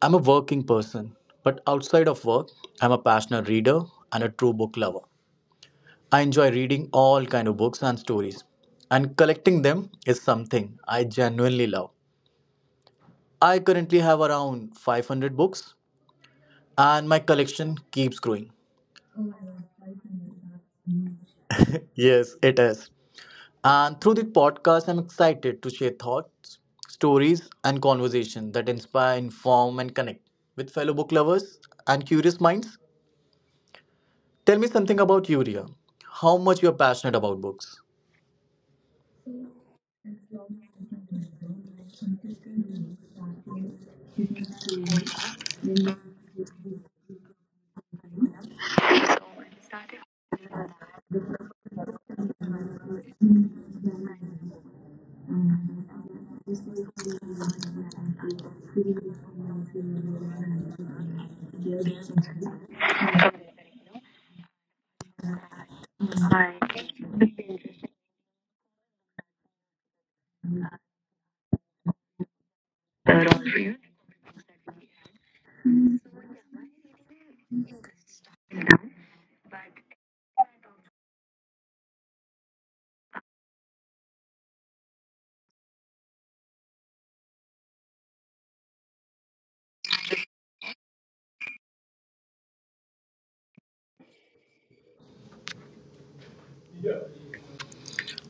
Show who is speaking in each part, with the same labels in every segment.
Speaker 1: I'm a working person, but outside of work, I'm a passionate reader and a true book lover. I enjoy reading all kind of books and stories, and collecting them is something I genuinely love. I currently have around 500 books, and my collection keeps growing. Yes, it is. And through the podcast, I'm excited to share thoughts, stories, and conversations that inspire, inform, and connect with fellow book lovers and curious minds. Tell me something about you, Ria. How much you're passionate about books?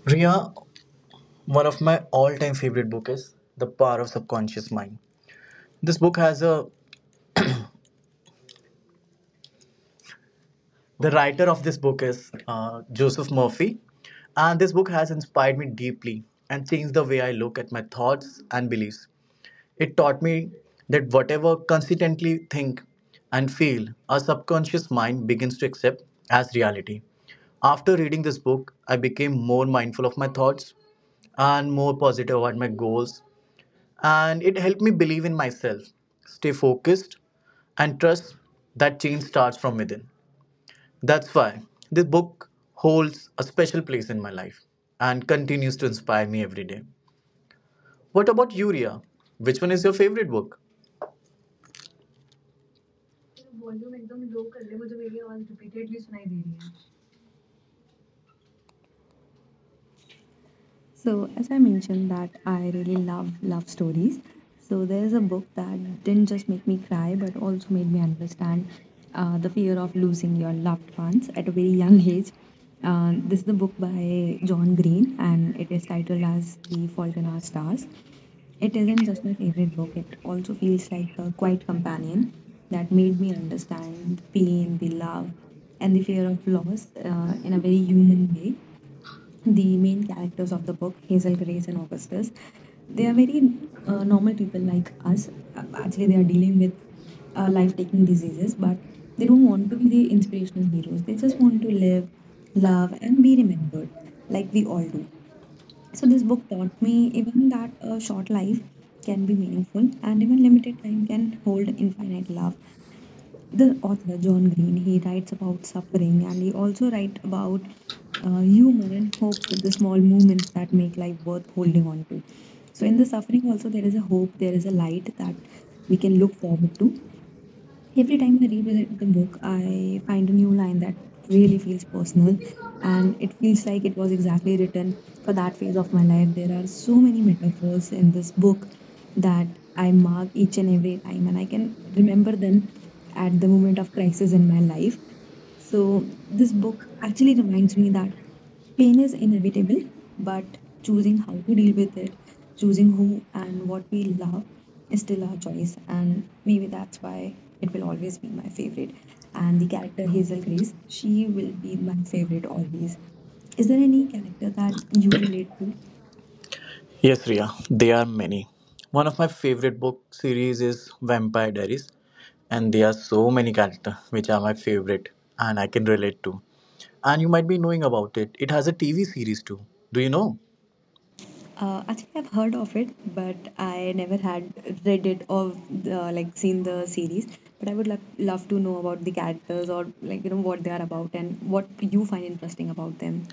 Speaker 1: Ria, one of my all-time favorite book is The Power of Subconscious Mind. This book has a the writer of this book is Joseph Murphy, and this book has inspired me deeply and changed the way I look at my thoughts and beliefs. It taught me that whatever consistently think and feel, our subconscious mind begins to accept as reality. After reading this book, I became more mindful of my thoughts and more positive about my goals, and it helped me believe in myself, stay focused, and trust that change starts from within. That's why this book holds a special place in my life and continues to inspire me every day. What about you, Ria? Which one is your favorite book?
Speaker 2: So, as I mentioned, that I really love stories. So there is a book that didn't just make me cry, but also made me understand the fear of losing your loved ones at a very young age. This is a book by John Green, and it is titled as *The Fault in Our Stars*. It isn't just my favorite book; it also feels like a quiet companion that made me understand the pain, the love, and the fear of loss in a very human way. The main characters of the book, Hazel, Grace, and Augustus, they are very normal people like us. Actually, they are dealing with life taking diseases, but they don't want to be the inspirational heroes. They just want to live, love, and be remembered like we all do. So, this book taught me even that a short life can be meaningful and even limited time can hold infinite love. The author John Green, he writes about suffering, and he also writes about humor and hope with the small moments that make life worth holding on to. So in the suffering also, there is a hope, there is a light that we can look forward to. Every time I revisit the book, I find a new line that really feels personal, and it feels like it was exactly written for that phase of my life. There are so many metaphors in this book that I mark each and every time, and I can remember them at the moment of crisis in my life. So, this book actually reminds me that pain is inevitable, but choosing how to deal with it, choosing who and what we love, is still our choice, and maybe that's why it will always be my favorite. And the character Hazel Grace, she will be my favorite always. Is there any character that you relate to?
Speaker 1: Yes, Ria, there are many. One of my favorite book series is Vampire Diaries, and there are so many characters which are my favorite and I can relate to. And you might be knowing about it. It has a TV series too. Do you know?
Speaker 2: Actually, I've heard of it, but I never had read it or like seen the series. But I would love to know about the characters, or like, you know, what they are about and what you find interesting about them.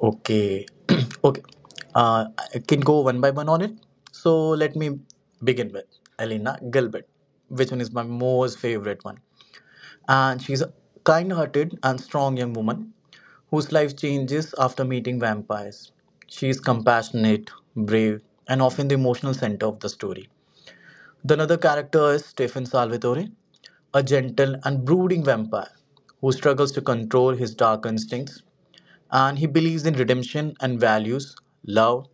Speaker 1: Okay, okay. Uh, I can go one by one on it. So let me begin with Elena Gilbert, which one is my most favorite one. And she's a kind-hearted and strong young woman whose life changes after meeting vampires. She is compassionate, brave, and often the emotional center of the story. The another character is Stefan Salvatore, a gentle and brooding vampire who struggles to control his dark instincts, and he believes in redemption and values love,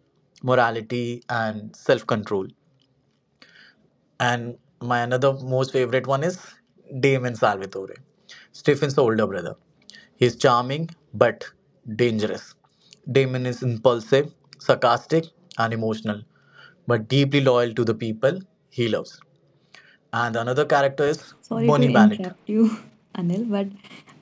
Speaker 1: morality, and self control. And my another most favorite one is Damon Salvatore, Stephen's older brother. He's charming but dangerous. Damon is impulsive, sarcastic, and emotional, but deeply loyal to the people he loves. And another character is
Speaker 2: Sorry to one
Speaker 1: Bonnie Bennett.
Speaker 2: interrupt you, Anil, but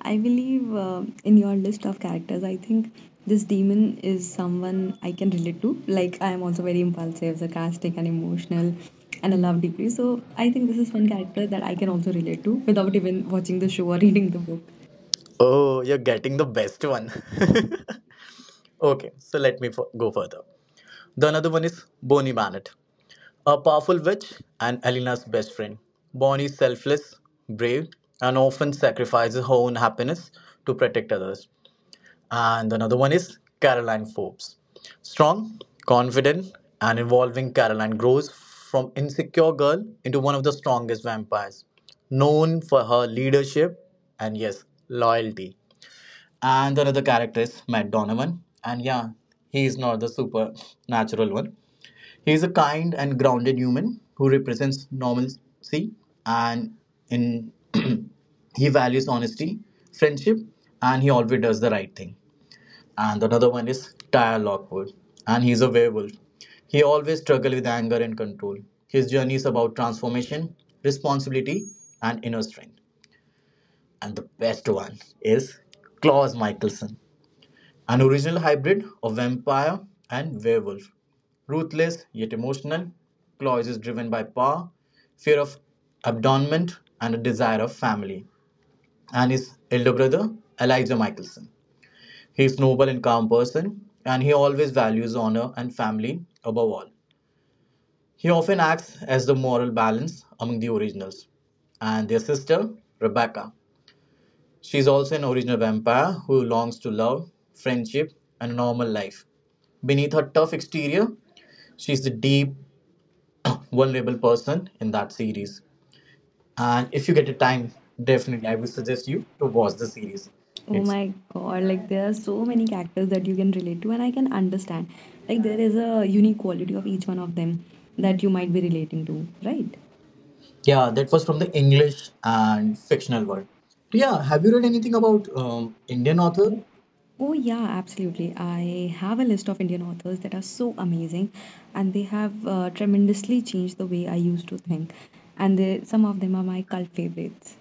Speaker 2: I believe in your list of characters, I think this demon is someone I can relate to. Like, I am also very impulsive, sarcastic, and emotional, and I love deeply. So, I think this is one character that I can also relate to without even watching the show or reading the book.
Speaker 1: Oh, you're getting the best one. Okay, so let me go further. The another one is Bonnie Bannett, a powerful witch and Elena's best friend. Bonnie is selfless, brave, and often sacrifices her own happiness to protect others. And another one is Caroline Forbes. Strong, confident, and evolving, Caroline grows from insecure girl into one of the strongest vampires, known for her leadership and, yes, loyalty. And another character is Matt Donovan. And yeah, he is not the supernatural one. He is a kind and grounded human who represents normalcy, and in he values honesty, friendship, and he always does the right thing. And another one is Tyre Lockwood, and he's a werewolf. He always struggles with anger and control. His journey is about transformation, responsibility, and inner strength. And the best one is Klaus Michelson, an original hybrid of vampire and werewolf. Ruthless yet emotional, Klaus is driven by power, fear of abandonment, and a desire of family. And his elder brother, Elijah Michelson. He is noble and calm person, and he always values honor and family above all. He often acts as the moral balance among the originals. And their sister, Rebecca. She is also an original vampire who longs to love, friendship, and a normal life. Beneath her tough exterior, she is the deep, vulnerable person in that series.
Speaker 2: And
Speaker 1: And if
Speaker 2: if
Speaker 1: you
Speaker 2: you
Speaker 1: get
Speaker 2: get a
Speaker 1: a
Speaker 2: time,
Speaker 1: time, definitely
Speaker 2: definitely
Speaker 1: I
Speaker 2: I will
Speaker 1: would
Speaker 2: suggest
Speaker 1: suggest you
Speaker 2: you
Speaker 1: to
Speaker 2: to
Speaker 1: watch
Speaker 2: watch
Speaker 1: the
Speaker 2: this series.
Speaker 1: series.
Speaker 2: Oh
Speaker 1: It's
Speaker 2: my god, like there are so many characters that you can relate to, and I can understand. Like, there is a unique quality of each one of them that you might be relating to, right?
Speaker 1: Yeah,
Speaker 2: Yeah, that
Speaker 1: that
Speaker 2: was
Speaker 1: was
Speaker 2: from
Speaker 1: from
Speaker 2: the
Speaker 1: the
Speaker 2: English
Speaker 1: English
Speaker 2: and
Speaker 1: and
Speaker 2: fictional
Speaker 1: fictional world.
Speaker 2: world.
Speaker 1: Yeah,
Speaker 2: Yeah, have
Speaker 1: have you
Speaker 2: you
Speaker 1: read
Speaker 2: read
Speaker 1: anything
Speaker 2: anything
Speaker 1: about
Speaker 2: about Indian
Speaker 1: Indian author?
Speaker 2: authors? Oh, yeah, absolutely. I have a list of Indian authors that are so amazing, and they have tremendously changed the way I used to think. And they, some of them are my cult favorites.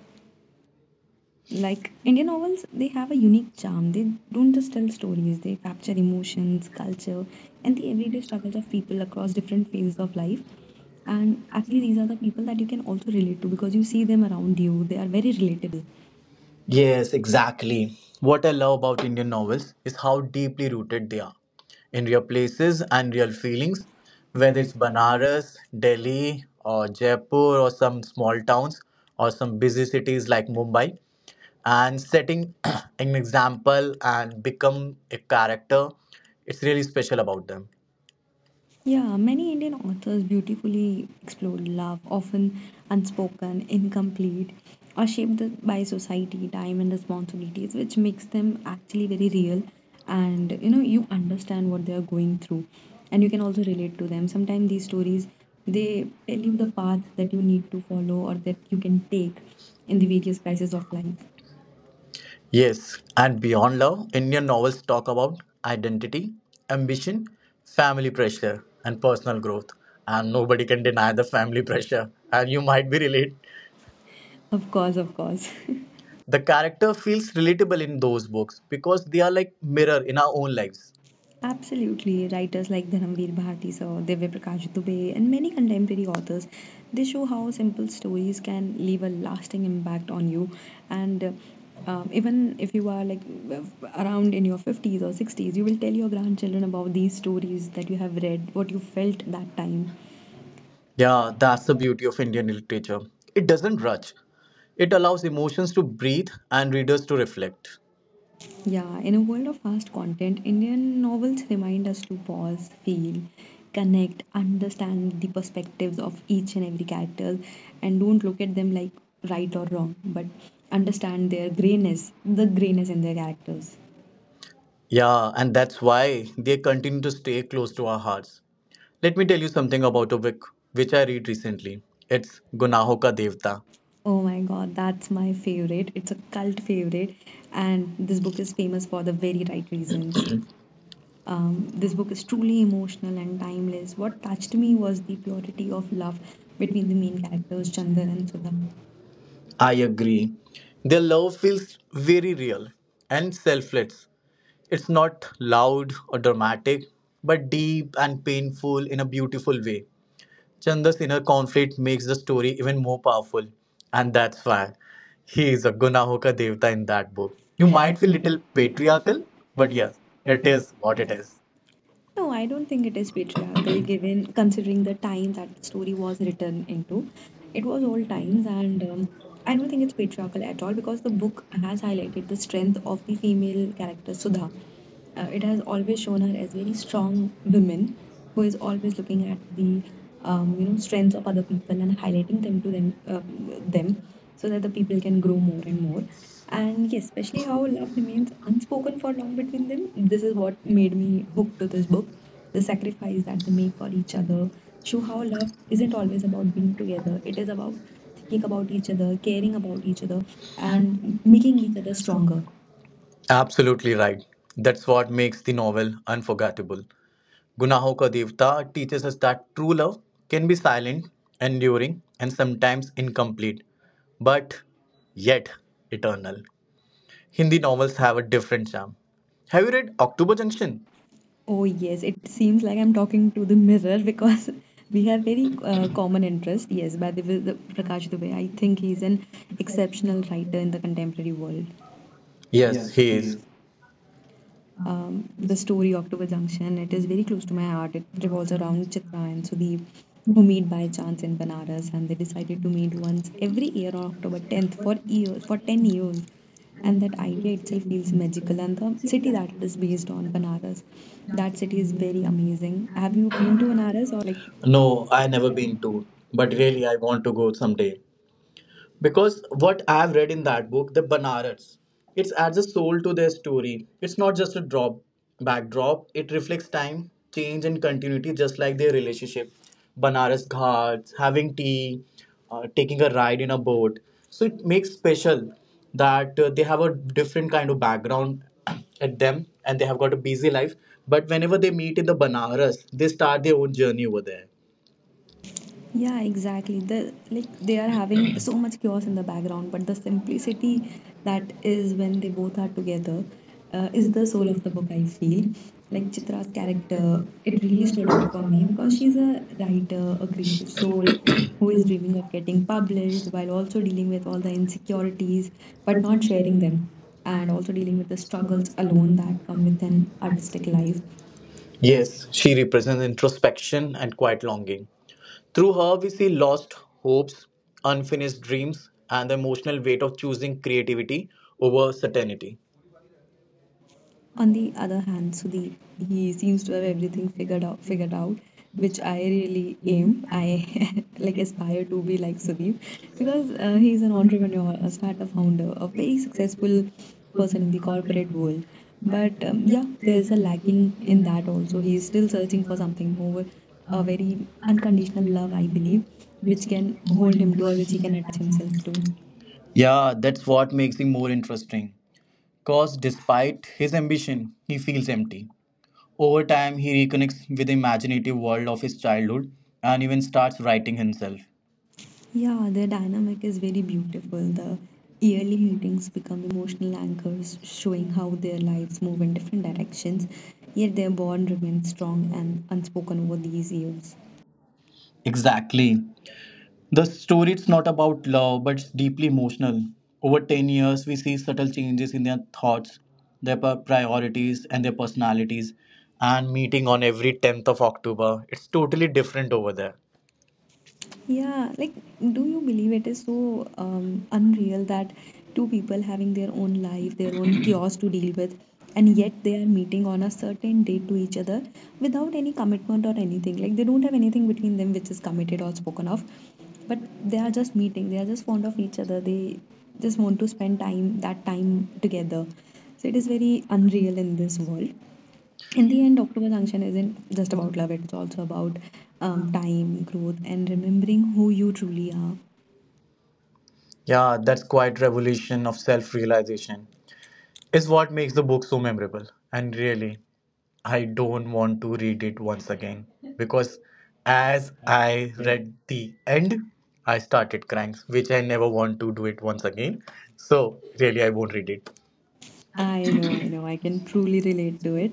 Speaker 2: Like Indian novels, they have a unique charm. They don't just tell stories, they capture emotions, culture, and the everyday struggles of people across different phases of life. And actually, these are the people that you can also relate to, because you see them around you. They are very relatable. Yes,
Speaker 1: Yes, exactly. What I love about Indian novels is how deeply rooted they are in real places and real feelings, whether
Speaker 2: whether it's
Speaker 1: it's
Speaker 2: Banara.
Speaker 1: Banaras, Delhi, or Jaipur, or some small towns, or some busy cities like Mumbai. And setting an example and become a character, it's really special about them.
Speaker 2: Yeah, many Indian authors beautifully explored love, often unspoken, incomplete, or shaped by society, time, and responsibilities, which makes them actually very real. And you know, you understand what they are going through, and you can also relate to them. Sometimes these stories, they tell you the path that you need to follow or that you can take in the various crises of life.
Speaker 1: Yes, and beyond love, Indian novels talk about identity, ambition, family pressure, and personal growth. And nobody can deny the family pressure, and you might be relate
Speaker 2: Of course, of course.
Speaker 1: the character feels relatable in those books, because they are like mirror in our own lives.
Speaker 2: Absolutely. Writers like Dhanamveer Bharti Sir, Divya Prakash Dubey, and many contemporary authors, they show how simple stories can leave a lasting impact on you. And even if you are like around in your 50s or 60s, you will tell your grandchildren about these stories that you have read, what you felt that time.
Speaker 1: Yeah,
Speaker 2: Yeah,
Speaker 1: that's
Speaker 2: that's
Speaker 1: the
Speaker 2: a
Speaker 1: beauty of Indian literature. It doesn't rush. It allows emotions to breathe and readers to reflect.
Speaker 2: Yeah, in a world of fast content, Indian novels remind us to pause, feel, connect, understand the perspectives of each and every character, and don't look at them like right or wrong, but understand their grayness, the grayness in their characters.
Speaker 1: Yeah, and that's why they continue to stay close to our hearts. Let me tell you something about a book which I read recently. It's Gunaho Ka Devta.
Speaker 2: Oh my god, that's my favorite. It's a cult favorite, and this book is famous for the very right reasons. This book is truly emotional and timeless. What touched me was the purity of love between the main characters, Chandan and Sudha.
Speaker 1: I agree. Their love feels very real and selfless. It's not loud or dramatic, but deep and painful in a beautiful way. Chandra's inner conflict makes the story even more powerful, and that's why he is a Gunahoka Devta in that book.
Speaker 2: You
Speaker 1: You might
Speaker 2: might be
Speaker 1: feel little
Speaker 2: little
Speaker 1: patriarchal,
Speaker 2: patriarchal,
Speaker 1: but
Speaker 2: but yes,
Speaker 1: yes,
Speaker 2: it
Speaker 1: it
Speaker 2: is
Speaker 1: is
Speaker 2: what
Speaker 1: what
Speaker 2: it
Speaker 1: it
Speaker 2: is.
Speaker 1: is.
Speaker 2: No, I don't think it is patriarchal, given considering the time that the story was written into. It was old times, and I don't think it's patriarchal at all, because the book has highlighted the strength of the female character Sudha. It has always shown her as very strong women, who is always looking at the, you know, strengths of other people and highlighting them to them them so that the people can grow more and more. And yes, especially how love remains unspoken for long between them. This is what made me hooked to this book. The sacrifice that they make for each other show how love isn't always about being together. It is about thinking about each other, caring about each other, and making each other stronger.
Speaker 1: Absolutely right. That's what makes the novel unforgettable. Gunaho Ka Devta teaches us that true love can be silent, enduring, and sometimes incomplete, but yet eternal. Hindi novels have a different charm. Have you read October Junction?
Speaker 2: Oh, yes, it seems like I'm talking to the mirror because we have very common interest. Yes, by the way, the Prakash Dubey, I think he's an exceptional writer in the contemporary world.
Speaker 1: Yes,
Speaker 2: Yes,
Speaker 1: he
Speaker 2: he
Speaker 1: is.
Speaker 2: is, the story October Junction. It is very close to my heart. It revolves around Chitra and Sudhir, who meet by chance in Banaras, and they decided to meet once every year on October 10th for years, for 10 years. And that idea itself feels magical, and the city that it is based on, Banaras, that city is very amazing. Have you been to Banaras or like?
Speaker 1: No,
Speaker 2: No,
Speaker 1: I
Speaker 2: I
Speaker 1: never
Speaker 2: never been
Speaker 1: been
Speaker 2: to.
Speaker 1: to, but
Speaker 2: But really,
Speaker 1: really I want to go someday. Because what I've read in that book, the Banaras, it adds a soul to their story. It's not just a drop backdrop. It reflects time, change, and continuity, just like their relationship. Banaras Ghats, having tea, taking a ride in a boat. So it makes special that they have a different kind of background at them, and they have got a busy life. But whenever they meet in the Banaras, they start their own journey over there.
Speaker 2: yeah, exactly. The like, they are having so much chaos in the background, but the simplicity that is when they both are together is the soul of the book. I feel like Chitra's character, it really stood out for me because she's a writer, a creative soul who is dreaming of getting published while also dealing with all the insecurities, but not sharing them, and also dealing with the struggles alone that come with an artistic life. Yes.
Speaker 1: Yes, she represents introspection and quiet longing. Through her, we see lost hopes, unfinished dreams, and the emotional weight of choosing creativity over certainty.
Speaker 2: On the other hand, Sudeep, he seems to have everything figured out, which I really aim, I like aspire to be like Sudeep, because he's an entrepreneur, a startup founder, a very successful person in the corporate world. But yeah, there's a lacking in that also. He is still searching for something more, a very unconditional love, I believe, which can hold him to, or which he can attach himself to.
Speaker 1: Yeah, that's what makes him more interesting. Because despite his ambition, he feels empty. Over time, he reconnects with the imaginative world of his childhood and even starts writing himself.
Speaker 2: Yeah, their dynamic is very beautiful. The yearly meetings become emotional anchors, showing how their lives move in different directions, yet their bond remains strong and unspoken over these years.
Speaker 1: Exactly. The story, it's not about love, but it's deeply emotional. Over 10 years, we see subtle changes in their thoughts, their priorities, and their personalities. And meeting on every 10th of October, it's totally different over there.
Speaker 2: Yeah, like, do you believe it is so unreal that two people having their own life, their own chaos to deal with, and yet they are meeting on a certain date to each other without any commitment or anything? Like, they don't have anything between them which is committed or spoken of, but they are just meeting, they are just fond of each other, they just want to spend time, that time together. So, it is very unreal in this world. In the end, October Junction isn't just about love, it's also about time, growth, and remembering who you truly are.
Speaker 1: Yeah, that's quite revolution of self-realization. Is what makes the book so memorable. And really, I don't want to read it once again, because as
Speaker 2: I
Speaker 1: I
Speaker 2: get,
Speaker 1: read the end, I started crying, which I never want to do it once again. So, really, I won't read it.
Speaker 2: I know, I know. I can truly relate to it.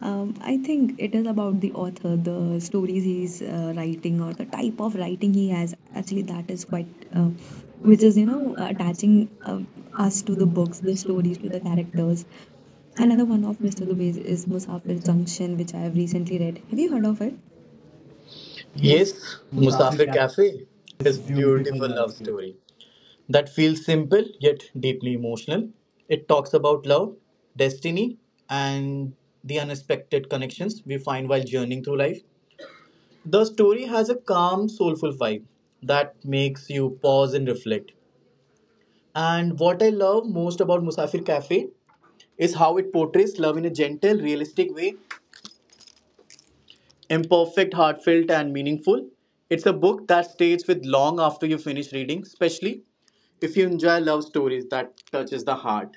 Speaker 2: I think it is about the author, the stories he's writing, or the type of writing he has. Actually, that is quite, uh, which is, you know, attaching us to the books, the stories, to the characters. Another one of Mr. Dubey's is Musafir Junction, which I have recently read. Have you heard of it?
Speaker 1: Yes,
Speaker 2: Yes, Musafir,
Speaker 1: Musafir Cafe
Speaker 2: it's
Speaker 1: is
Speaker 2: beautiful
Speaker 1: beautiful
Speaker 2: now.
Speaker 1: love story that feels simple yet deeply emotional. It talks about love, destiny, and the unexpected connections we find while journeying through life. The story has a calm, soulful vibe that makes you pause and reflect. And what I love most about Musafir Cafe is how it portrays love in a gentle, realistic way, imperfect, heartfelt, and meaningful. It's a book that stays with long after you finish reading, especially if you enjoy love stories that touches the heart.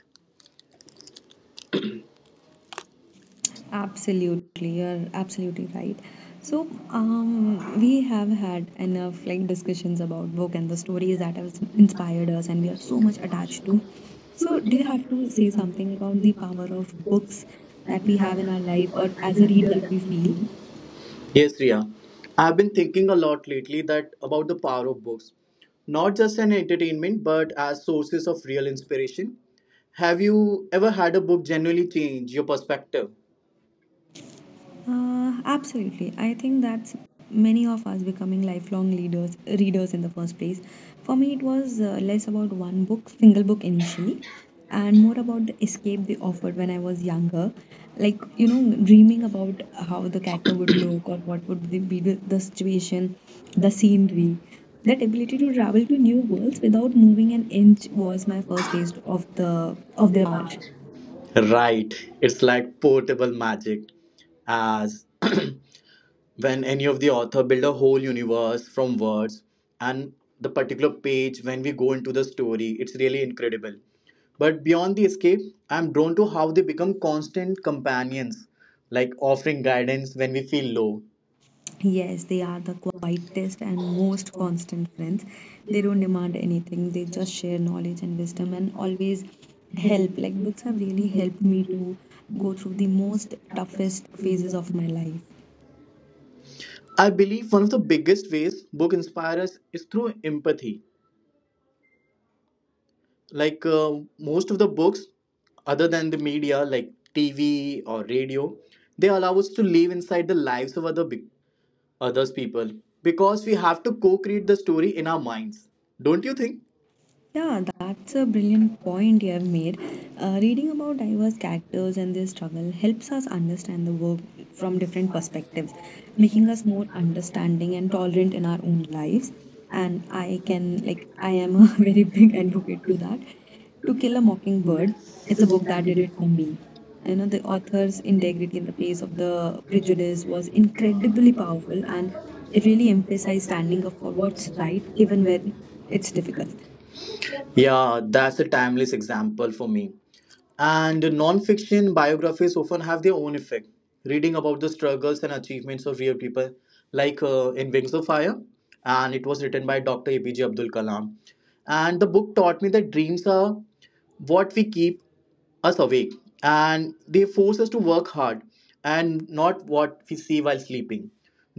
Speaker 2: Absolutely, you're absolutely right. So, we have had enough like discussions about book and the stories that have inspired us and we are so much attached to. So, do you have to say something about the power of books that we have in our life or as a readers that we feel?
Speaker 1: Yes, Ria. I've been thinking a lot lately that about the power of books, not just an entertainment, but as sources of real inspiration. Have you ever had a book genuinely change your perspective?
Speaker 2: Absolutely. I think that's many of us becoming lifelong leaders, readers in the first place. For me, it was less about single book initially, and more about the escape they offered when I was younger. Like, dreaming about how the character would look or what would they be the situation, the scenery. That ability to travel to new worlds without moving an inch was my first taste of their power.
Speaker 1: Right. It's like portable magic. As when any of the author build a whole universe from words, and the particular page when we go into the story, it's really incredible. But beyond the escape, I'm drawn to how they become constant companions, like offering guidance when we feel low.
Speaker 2: Yes, they are the quietest and most constant friends. They don't demand anything, they just share knowledge and wisdom and always help. Like, books have really helped me to go through the most toughest phases of my life.
Speaker 1: I believe one of the biggest ways book inspire us is through empathy. Like most of the books, other than the media like TV or radio, they allow us to live inside the lives of other big others people, because we have to co-create the story in our minds. Don't you think?
Speaker 2: Yeah, that's a brilliant point you have made. Reading about diverse characters and their struggle helps us understand the work from different perspectives, making us more understanding and tolerant in our own lives. And I can, like, I am a very big advocate to that. To Kill a Mockingbird, it's a book that did it for me. The author's integrity in the face of the prejudice was incredibly powerful and it really emphasized standing up for what's right, even when it's difficult.
Speaker 1: Yeah, that's a timeless example for me. And non-fiction biographies often have their own effect. Reading about the struggles and achievements of real people, like in Wings of Fire, and it was written by Dr. APJ Abdul Kalam. And the book taught me that dreams are what we keep us awake, and they force us to work hard and not what we see while sleeping.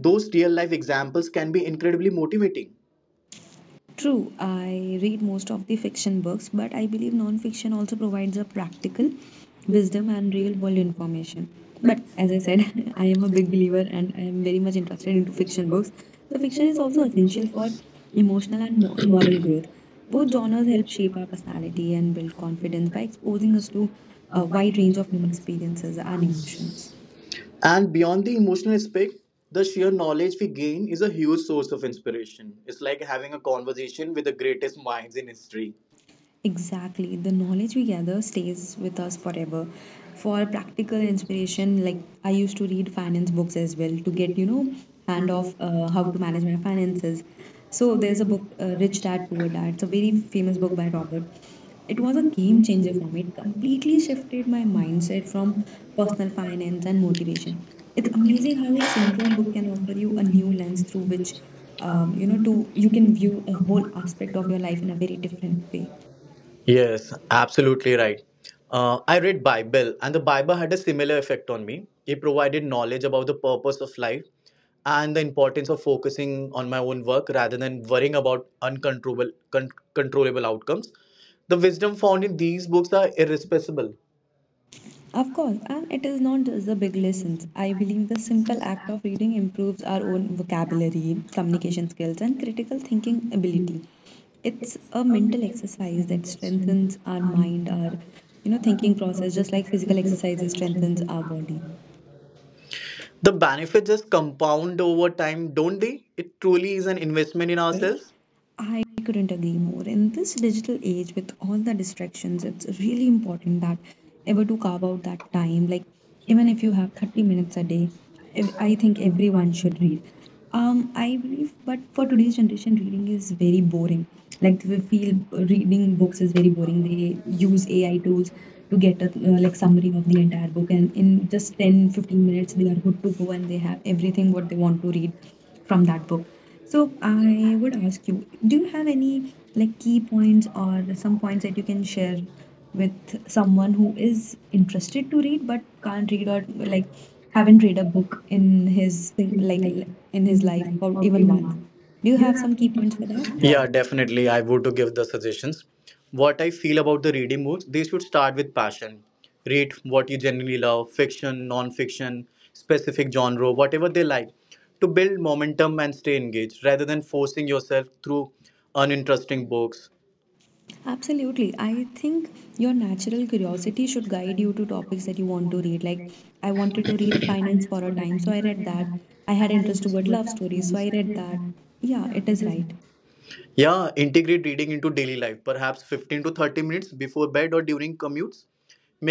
Speaker 1: Those real life examples can be incredibly motivating.
Speaker 2: True, I read most of the fiction books, but I believe non-fiction also provides a practical wisdom and real-world information. But as I said, I am a big believer and I am very much interested into fiction books. So fiction is also essential for emotional and mo moral growth. Both genres help shape our personality and build confidence by exposing us to a wide range of human experiences and emotions.
Speaker 1: And beyond the emotional aspect, the sheer knowledge we gain is a huge source of inspiration. It's like having a conversation with the greatest minds in history.
Speaker 2: Exactly. The knowledge we gather stays with us forever. For practical inspiration, like I used to read finance books as well to get, hand of how to manage my finances. So there's a book, Rich Dad Poor Dad. It's a very famous book by Robert. It was a game changer for me. It completely shifted my mindset from personal finance and motivation. It's amazing how a single book can offer you a new lens through which, you know, to you can view a whole aspect of your life in a very different way.
Speaker 1: Yes, absolutely right. I read Bible, and the Bible had a similar effect on me. It provided knowledge about the purpose of life and the importance of focusing on my own work rather than worrying about uncontrollable controllable outcomes. The wisdom found in these books are irrepressible.
Speaker 2: Of course, and it is not just the big lessons. I believe the simple act of reading improves our own vocabulary, communication skills, and critical thinking ability. It's a mental exercise that strengthens our mind, our thinking process, just like physical exercises strengthens our body.
Speaker 1: The benefits just compound over time, don't they? It truly is an investment in ourselves.
Speaker 2: I couldn't agree more. In this digital age, with all the distractions, it's really important that ever to carve out that time. Like, even if you have 30 minutes a day, I think everyone should read. I believe, but for today's generation, reading is very boring. Like, they feel reading books is very boring. They use AI tools to get a like summary of the entire book, and in just 10-15 minutes, they are good to go and they have everything what they want to read from that book. So I would ask you, do you have any like key points or some points that you can share with someone who is interested to read but can't read or like haven't read a book in his in his life or even once? Do you have some key points for that? Yeah,
Speaker 1: Yeah, definitely. I would to give the suggestions. What I feel about the reading books, they should start with passion, read what you generally love, fiction, non-fiction, specific genre, whatever they like, to build momentum and stay engaged rather than forcing yourself through uninteresting books.
Speaker 2: absolutely. I think your natural curiosity should guide you to topics that you want to read. Like, I wanted to read finance for a time, so I read that. I had interest toward love stories, so I read that. Yeah, it is right.
Speaker 1: Yeah, integrate reading into daily life, perhaps 15 to 30 minutes before bed or during commutes,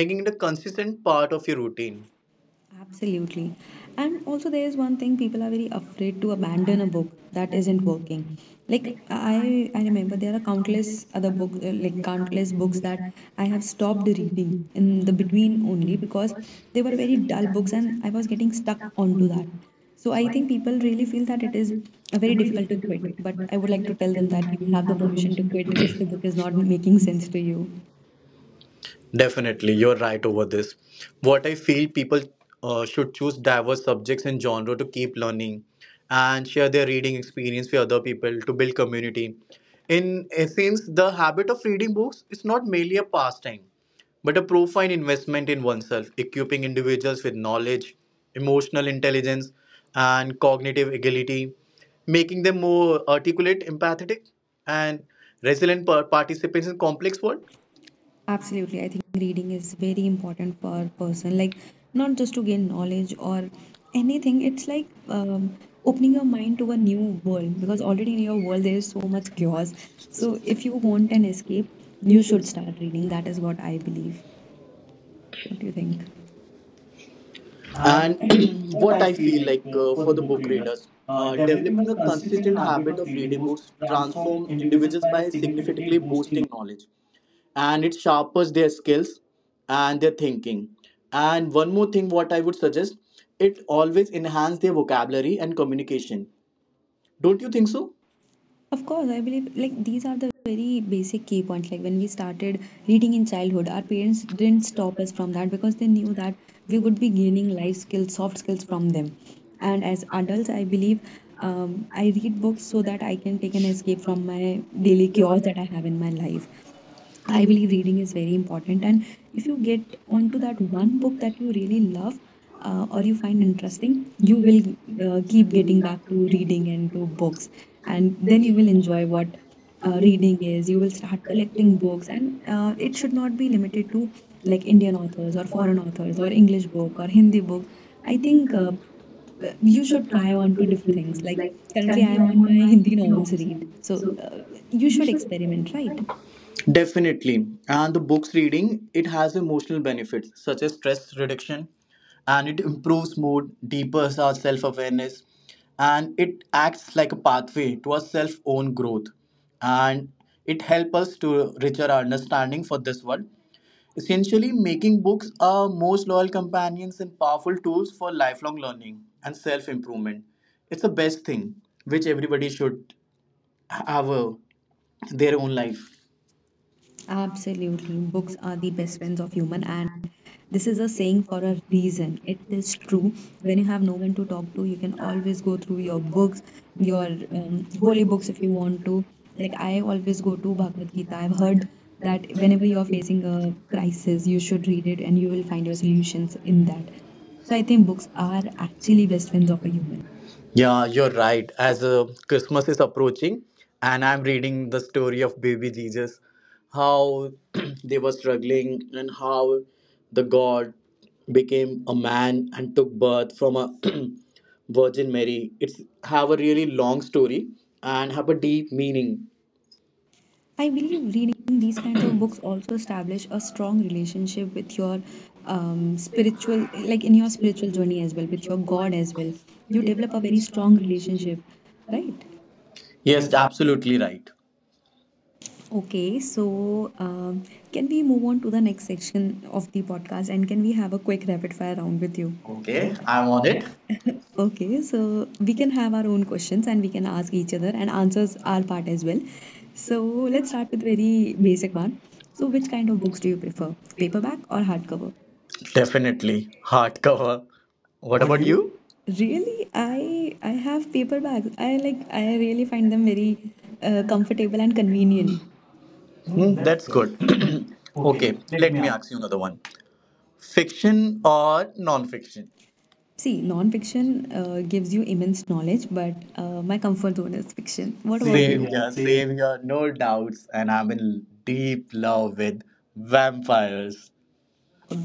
Speaker 1: making it a consistent part of your routine.
Speaker 2: Absolutely. And also, there is one thing people are very afraid to abandon a book that isn't working. Like I remember there are countless other book, like countless books that I have stopped reading in the between only because they were very dull books and I was getting stuck onto that. So I think people really feel that it is very difficult to quit. But I would like to tell them that you have the permission to quit if the book is not making sense to you.
Speaker 1: Definitely, you're right over this. What I feel, people should choose diverse subjects and genre to keep learning and share their reading experience with other people to build community. In essence, the habit of reading books is not merely a pastime, but a profound investment in oneself, equipping individuals with knowledge, emotional intelligence, and cognitive agility, making them more articulate, empathetic, and resilient participants in complex world.
Speaker 2: Absolutely. I think reading is very important for a person, like not just to gain knowledge or anything. It's like opening your mind to a new world because already in your world there is so much chaos. So if you want an escape, you should start reading. That is what I believe. What do you think? And
Speaker 1: And
Speaker 2: what
Speaker 1: what
Speaker 2: I
Speaker 1: I
Speaker 2: feel
Speaker 1: feel
Speaker 2: like
Speaker 1: like,
Speaker 2: for the
Speaker 1: for the
Speaker 2: book
Speaker 1: book
Speaker 2: readers,
Speaker 1: readers,
Speaker 2: developing
Speaker 1: developing
Speaker 2: a
Speaker 1: a
Speaker 2: consistent
Speaker 1: consistent
Speaker 2: habit
Speaker 1: habit
Speaker 2: of
Speaker 1: of
Speaker 2: reading
Speaker 1: reading
Speaker 2: books
Speaker 1: books
Speaker 2: transform
Speaker 1: transform
Speaker 2: individuals
Speaker 1: individuals
Speaker 2: by
Speaker 1: by
Speaker 2: significantly
Speaker 1: significantly
Speaker 2: boosting.
Speaker 1: boosting knowledge, and it sharpens their skills and their thinking. And one more thing, what I would suggest, it always enhance their vocabulary and communication. Don't you think so?
Speaker 2: Of course, I believe like these are the very basic key points. Like when we started reading in childhood, our parents didn't stop us from that because they knew that we would be gaining life skills, soft skills from them. And as adults, I believe I read books so that I can take an escape from my daily chaos that I have in my life. I believe reading is very important, and if you get onto that one book that you really love or you find interesting, you will keep getting back to reading and to books, and then you will enjoy what reading is. You will start collecting books, and it should not be limited to like Indian authors or foreign authors or English book or Hindi book. I think you should try on to different things. Like currently, I am on my Hindi novels read, so you should experiment, right?
Speaker 1: Definitely. And the books reading, it has emotional benefits such as stress reduction, and it improves mood, deepens our self awareness, and it acts like a pathway to our self own growth. And it helps us to richer our understanding for this world. Essentially, making books our most loyal companions and powerful tools for lifelong learning and self improvement. It's the best thing which everybody should have a, their own life.
Speaker 2: Absolutely. Books are the best friends of human and this is a saying for a reason. It is true. When you have no one to talk to, you can always go through your books, your holy books if you want to. Like I always go to Bhagavad Gita. I've heard that whenever you are facing a crisis, you should read it and you will find your solutions in that. So I think books are actually best friends of a human.
Speaker 1: Yeah, you're right. As Christmas is approaching, and I'm reading the story of baby Jesus, how they were struggling, and how the God became a man and took birth from a Virgin Mary. It's have a really long story and have a deep meaning.
Speaker 2: I believe reading these kinds of books also establish a strong relationship with your spiritual, like in your spiritual journey as well, with your God as well. You develop a very strong relationship, right?
Speaker 1: Yes,
Speaker 2: Yes,
Speaker 1: absolutely right.
Speaker 2: okay, so can we move on to the next section of the podcast and can we have a quick rapid fire round with you?
Speaker 1: Okay,
Speaker 2: Okay,
Speaker 1: I'm
Speaker 2: I'm
Speaker 1: on
Speaker 2: on
Speaker 1: it.
Speaker 2: it. Okay, so we can have our own questions and we can ask each other and answers our part as well. So let's start with very basic one. So which kind of books do you prefer, paperback or hardcover?
Speaker 1: Definitely hardcover.
Speaker 2: How
Speaker 1: What
Speaker 2: about
Speaker 1: about
Speaker 2: you?
Speaker 1: you?
Speaker 2: Really, I have paperbacks. I really find them very comfortable and convenient.
Speaker 1: Hmm,
Speaker 2: That's
Speaker 1: that's
Speaker 2: good.
Speaker 1: good.
Speaker 2: Okay,
Speaker 1: Okay,
Speaker 2: let
Speaker 1: let
Speaker 2: me
Speaker 1: me
Speaker 2: ask.
Speaker 1: ask you another one. Fiction or non-fiction?
Speaker 2: See, non-fiction gives you immense knowledge, but my comfort zone is fiction. What about Same, you? Yeah, same,
Speaker 1: Same here, no doubts. And I'm in deep love with vampires.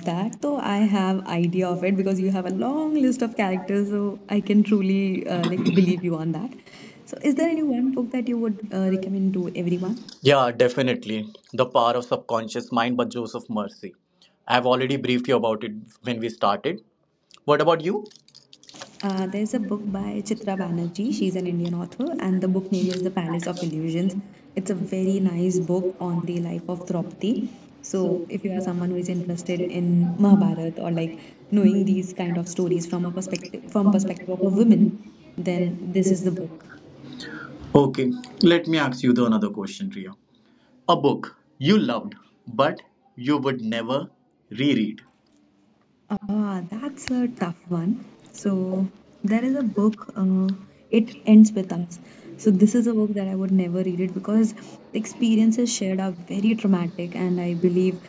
Speaker 2: that. So I have idea of it because you have a long list of characters, so I can truly like believe you on that. So is there any one book that you would recommend to everyone?
Speaker 1: Yeah, definitely. The power of subconscious mind by Joseph Mercy. I've already briefed you about it when we started. What about you?
Speaker 2: There's a book by Chitra Banerjee. She's an Indian author, and the book name is The Palace of Illusions. It's a very nice book on the life of Draupadi. So if you are someone who is interested in Mahabharata or like knowing these kind of stories from perspective of a woman, then this is the book.
Speaker 1: Okay, let me ask you the another question, Ria. A book you loved, but you would never reread.
Speaker 2: Ah, that's a tough one. So there is a book, It Ends With Us. So this is a book that I would never read it because the experiences shared are very traumatic and I believe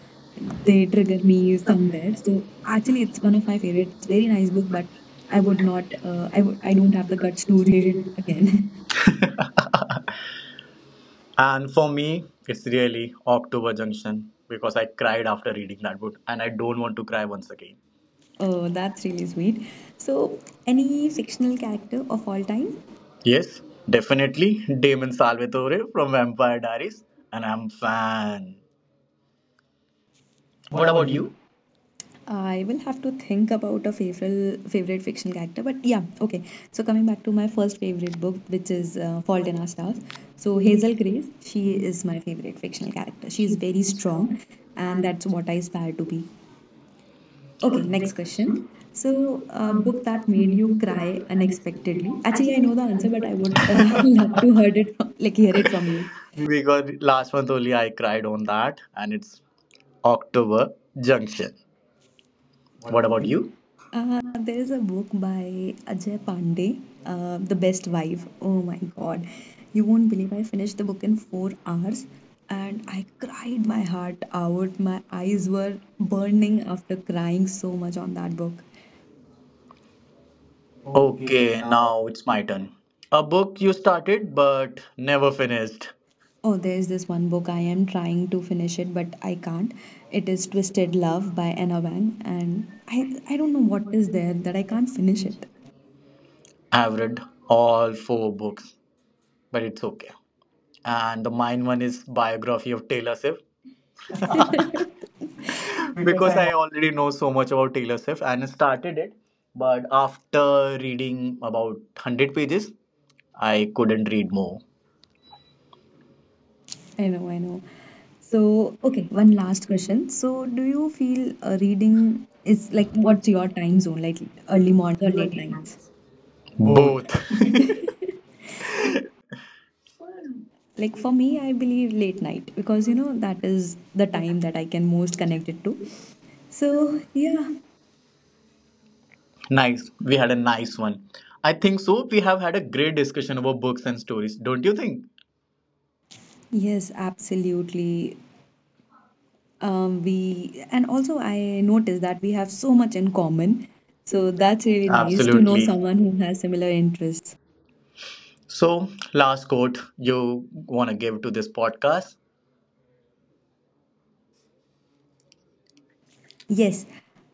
Speaker 2: they trigger me somewhere. So actually it's one of my favorite. It's very nice book, but I would not, I don't have the guts to read it again.
Speaker 1: And for me, it's really October Junction, because I cried after reading that book and I don't want to cry once again.
Speaker 2: Oh, that's really sweet. So any fictional character of all time?
Speaker 1: Yes, definitely Damon Salvatore from Vampire Diaries, and I'm fan.
Speaker 2: What
Speaker 1: What
Speaker 2: about
Speaker 1: about
Speaker 2: you?
Speaker 1: you?
Speaker 2: I will have to think about a favorite fiction character, but yeah, okay. So coming back to my first favorite book, which is Fault in Our Stars. So Hazel Grace, she is my favorite fictional character. She is very strong, and that's what I aspire to be. Okay, next question. So a book that made you cry unexpectedly. Actually, I know the answer, but I would love to heard it from, like hear it from you.
Speaker 1: Because last month only I cried on that and it's October Junction.
Speaker 2: What
Speaker 1: What
Speaker 2: about
Speaker 1: about
Speaker 2: you?
Speaker 1: you?
Speaker 2: There is a book by Ajay Pandey, The Best Wife. Oh my God. You won't believe I finished the book in 4 hours and I cried my heart out. My eyes were burning after crying so much on that book. Okay,
Speaker 1: Okay,
Speaker 2: now.
Speaker 1: now it's my turn. A book you started but never finished.
Speaker 2: Oh, there's this one book I am trying to finish it, but I can't. It is Twisted Love by Anna Wang, and I don't know what is there that I can't finish it.
Speaker 1: I've read all four books, but it's okay. And the mine one is biography of Taylor Swift,
Speaker 2: Because
Speaker 1: because
Speaker 2: I
Speaker 1: I already know so much about Taylor Swift and started it, but after reading about 100 pages, I couldn't read more.
Speaker 2: I know, I know. So, okay, one last question. So, do you feel reading is like what's your time zone, like early mornings or late nights? Both.
Speaker 1: Both.
Speaker 2: Like for me, I believe late night because you know that is the time that I can most connect it to. So, yeah,
Speaker 1: Nice. We had a nice one. I think so. We have had a great discussion about books and stories, don't you think?
Speaker 2: yes, absolutely. We and also I noticed that we
Speaker 1: We
Speaker 2: have
Speaker 1: have so
Speaker 2: so
Speaker 1: much
Speaker 2: much
Speaker 1: in
Speaker 2: in
Speaker 1: common.
Speaker 2: common. So,
Speaker 1: So that's
Speaker 2: that's
Speaker 1: really
Speaker 2: really nice to know. Absolutely.
Speaker 1: absolutely
Speaker 2: Someone
Speaker 1: someone
Speaker 2: who
Speaker 1: who
Speaker 2: has
Speaker 1: has
Speaker 2: similar
Speaker 1: similar interests.
Speaker 2: interests.
Speaker 1: So, last quote you want to give to this podcast?
Speaker 2: Yes.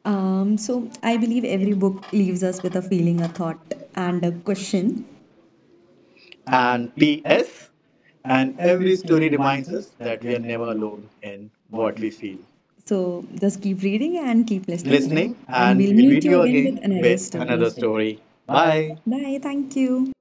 Speaker 2: So I believe every book leaves us with a feeling, a thought, and a question. And
Speaker 1: And
Speaker 2: P.S.
Speaker 1: P.S.
Speaker 2: And
Speaker 1: And
Speaker 2: every
Speaker 1: every
Speaker 2: story
Speaker 1: story
Speaker 2: reminds
Speaker 1: reminds
Speaker 2: us
Speaker 1: us
Speaker 2: that
Speaker 1: that
Speaker 2: we are
Speaker 1: we are
Speaker 2: never
Speaker 1: never
Speaker 2: alone.
Speaker 1: alone in
Speaker 2: What
Speaker 1: what
Speaker 2: we
Speaker 1: we
Speaker 2: feel.
Speaker 1: feel.
Speaker 2: So just keep reading and keep listening,
Speaker 1: Listening,
Speaker 2: and
Speaker 1: and
Speaker 2: we
Speaker 1: we'll
Speaker 2: meet
Speaker 1: meet
Speaker 2: you
Speaker 1: you
Speaker 2: again
Speaker 1: again
Speaker 2: with another
Speaker 1: with
Speaker 2: with another story.
Speaker 1: another
Speaker 2: story.
Speaker 1: story.
Speaker 2: Bye.
Speaker 1: Bye.
Speaker 2: Bye. Thank you.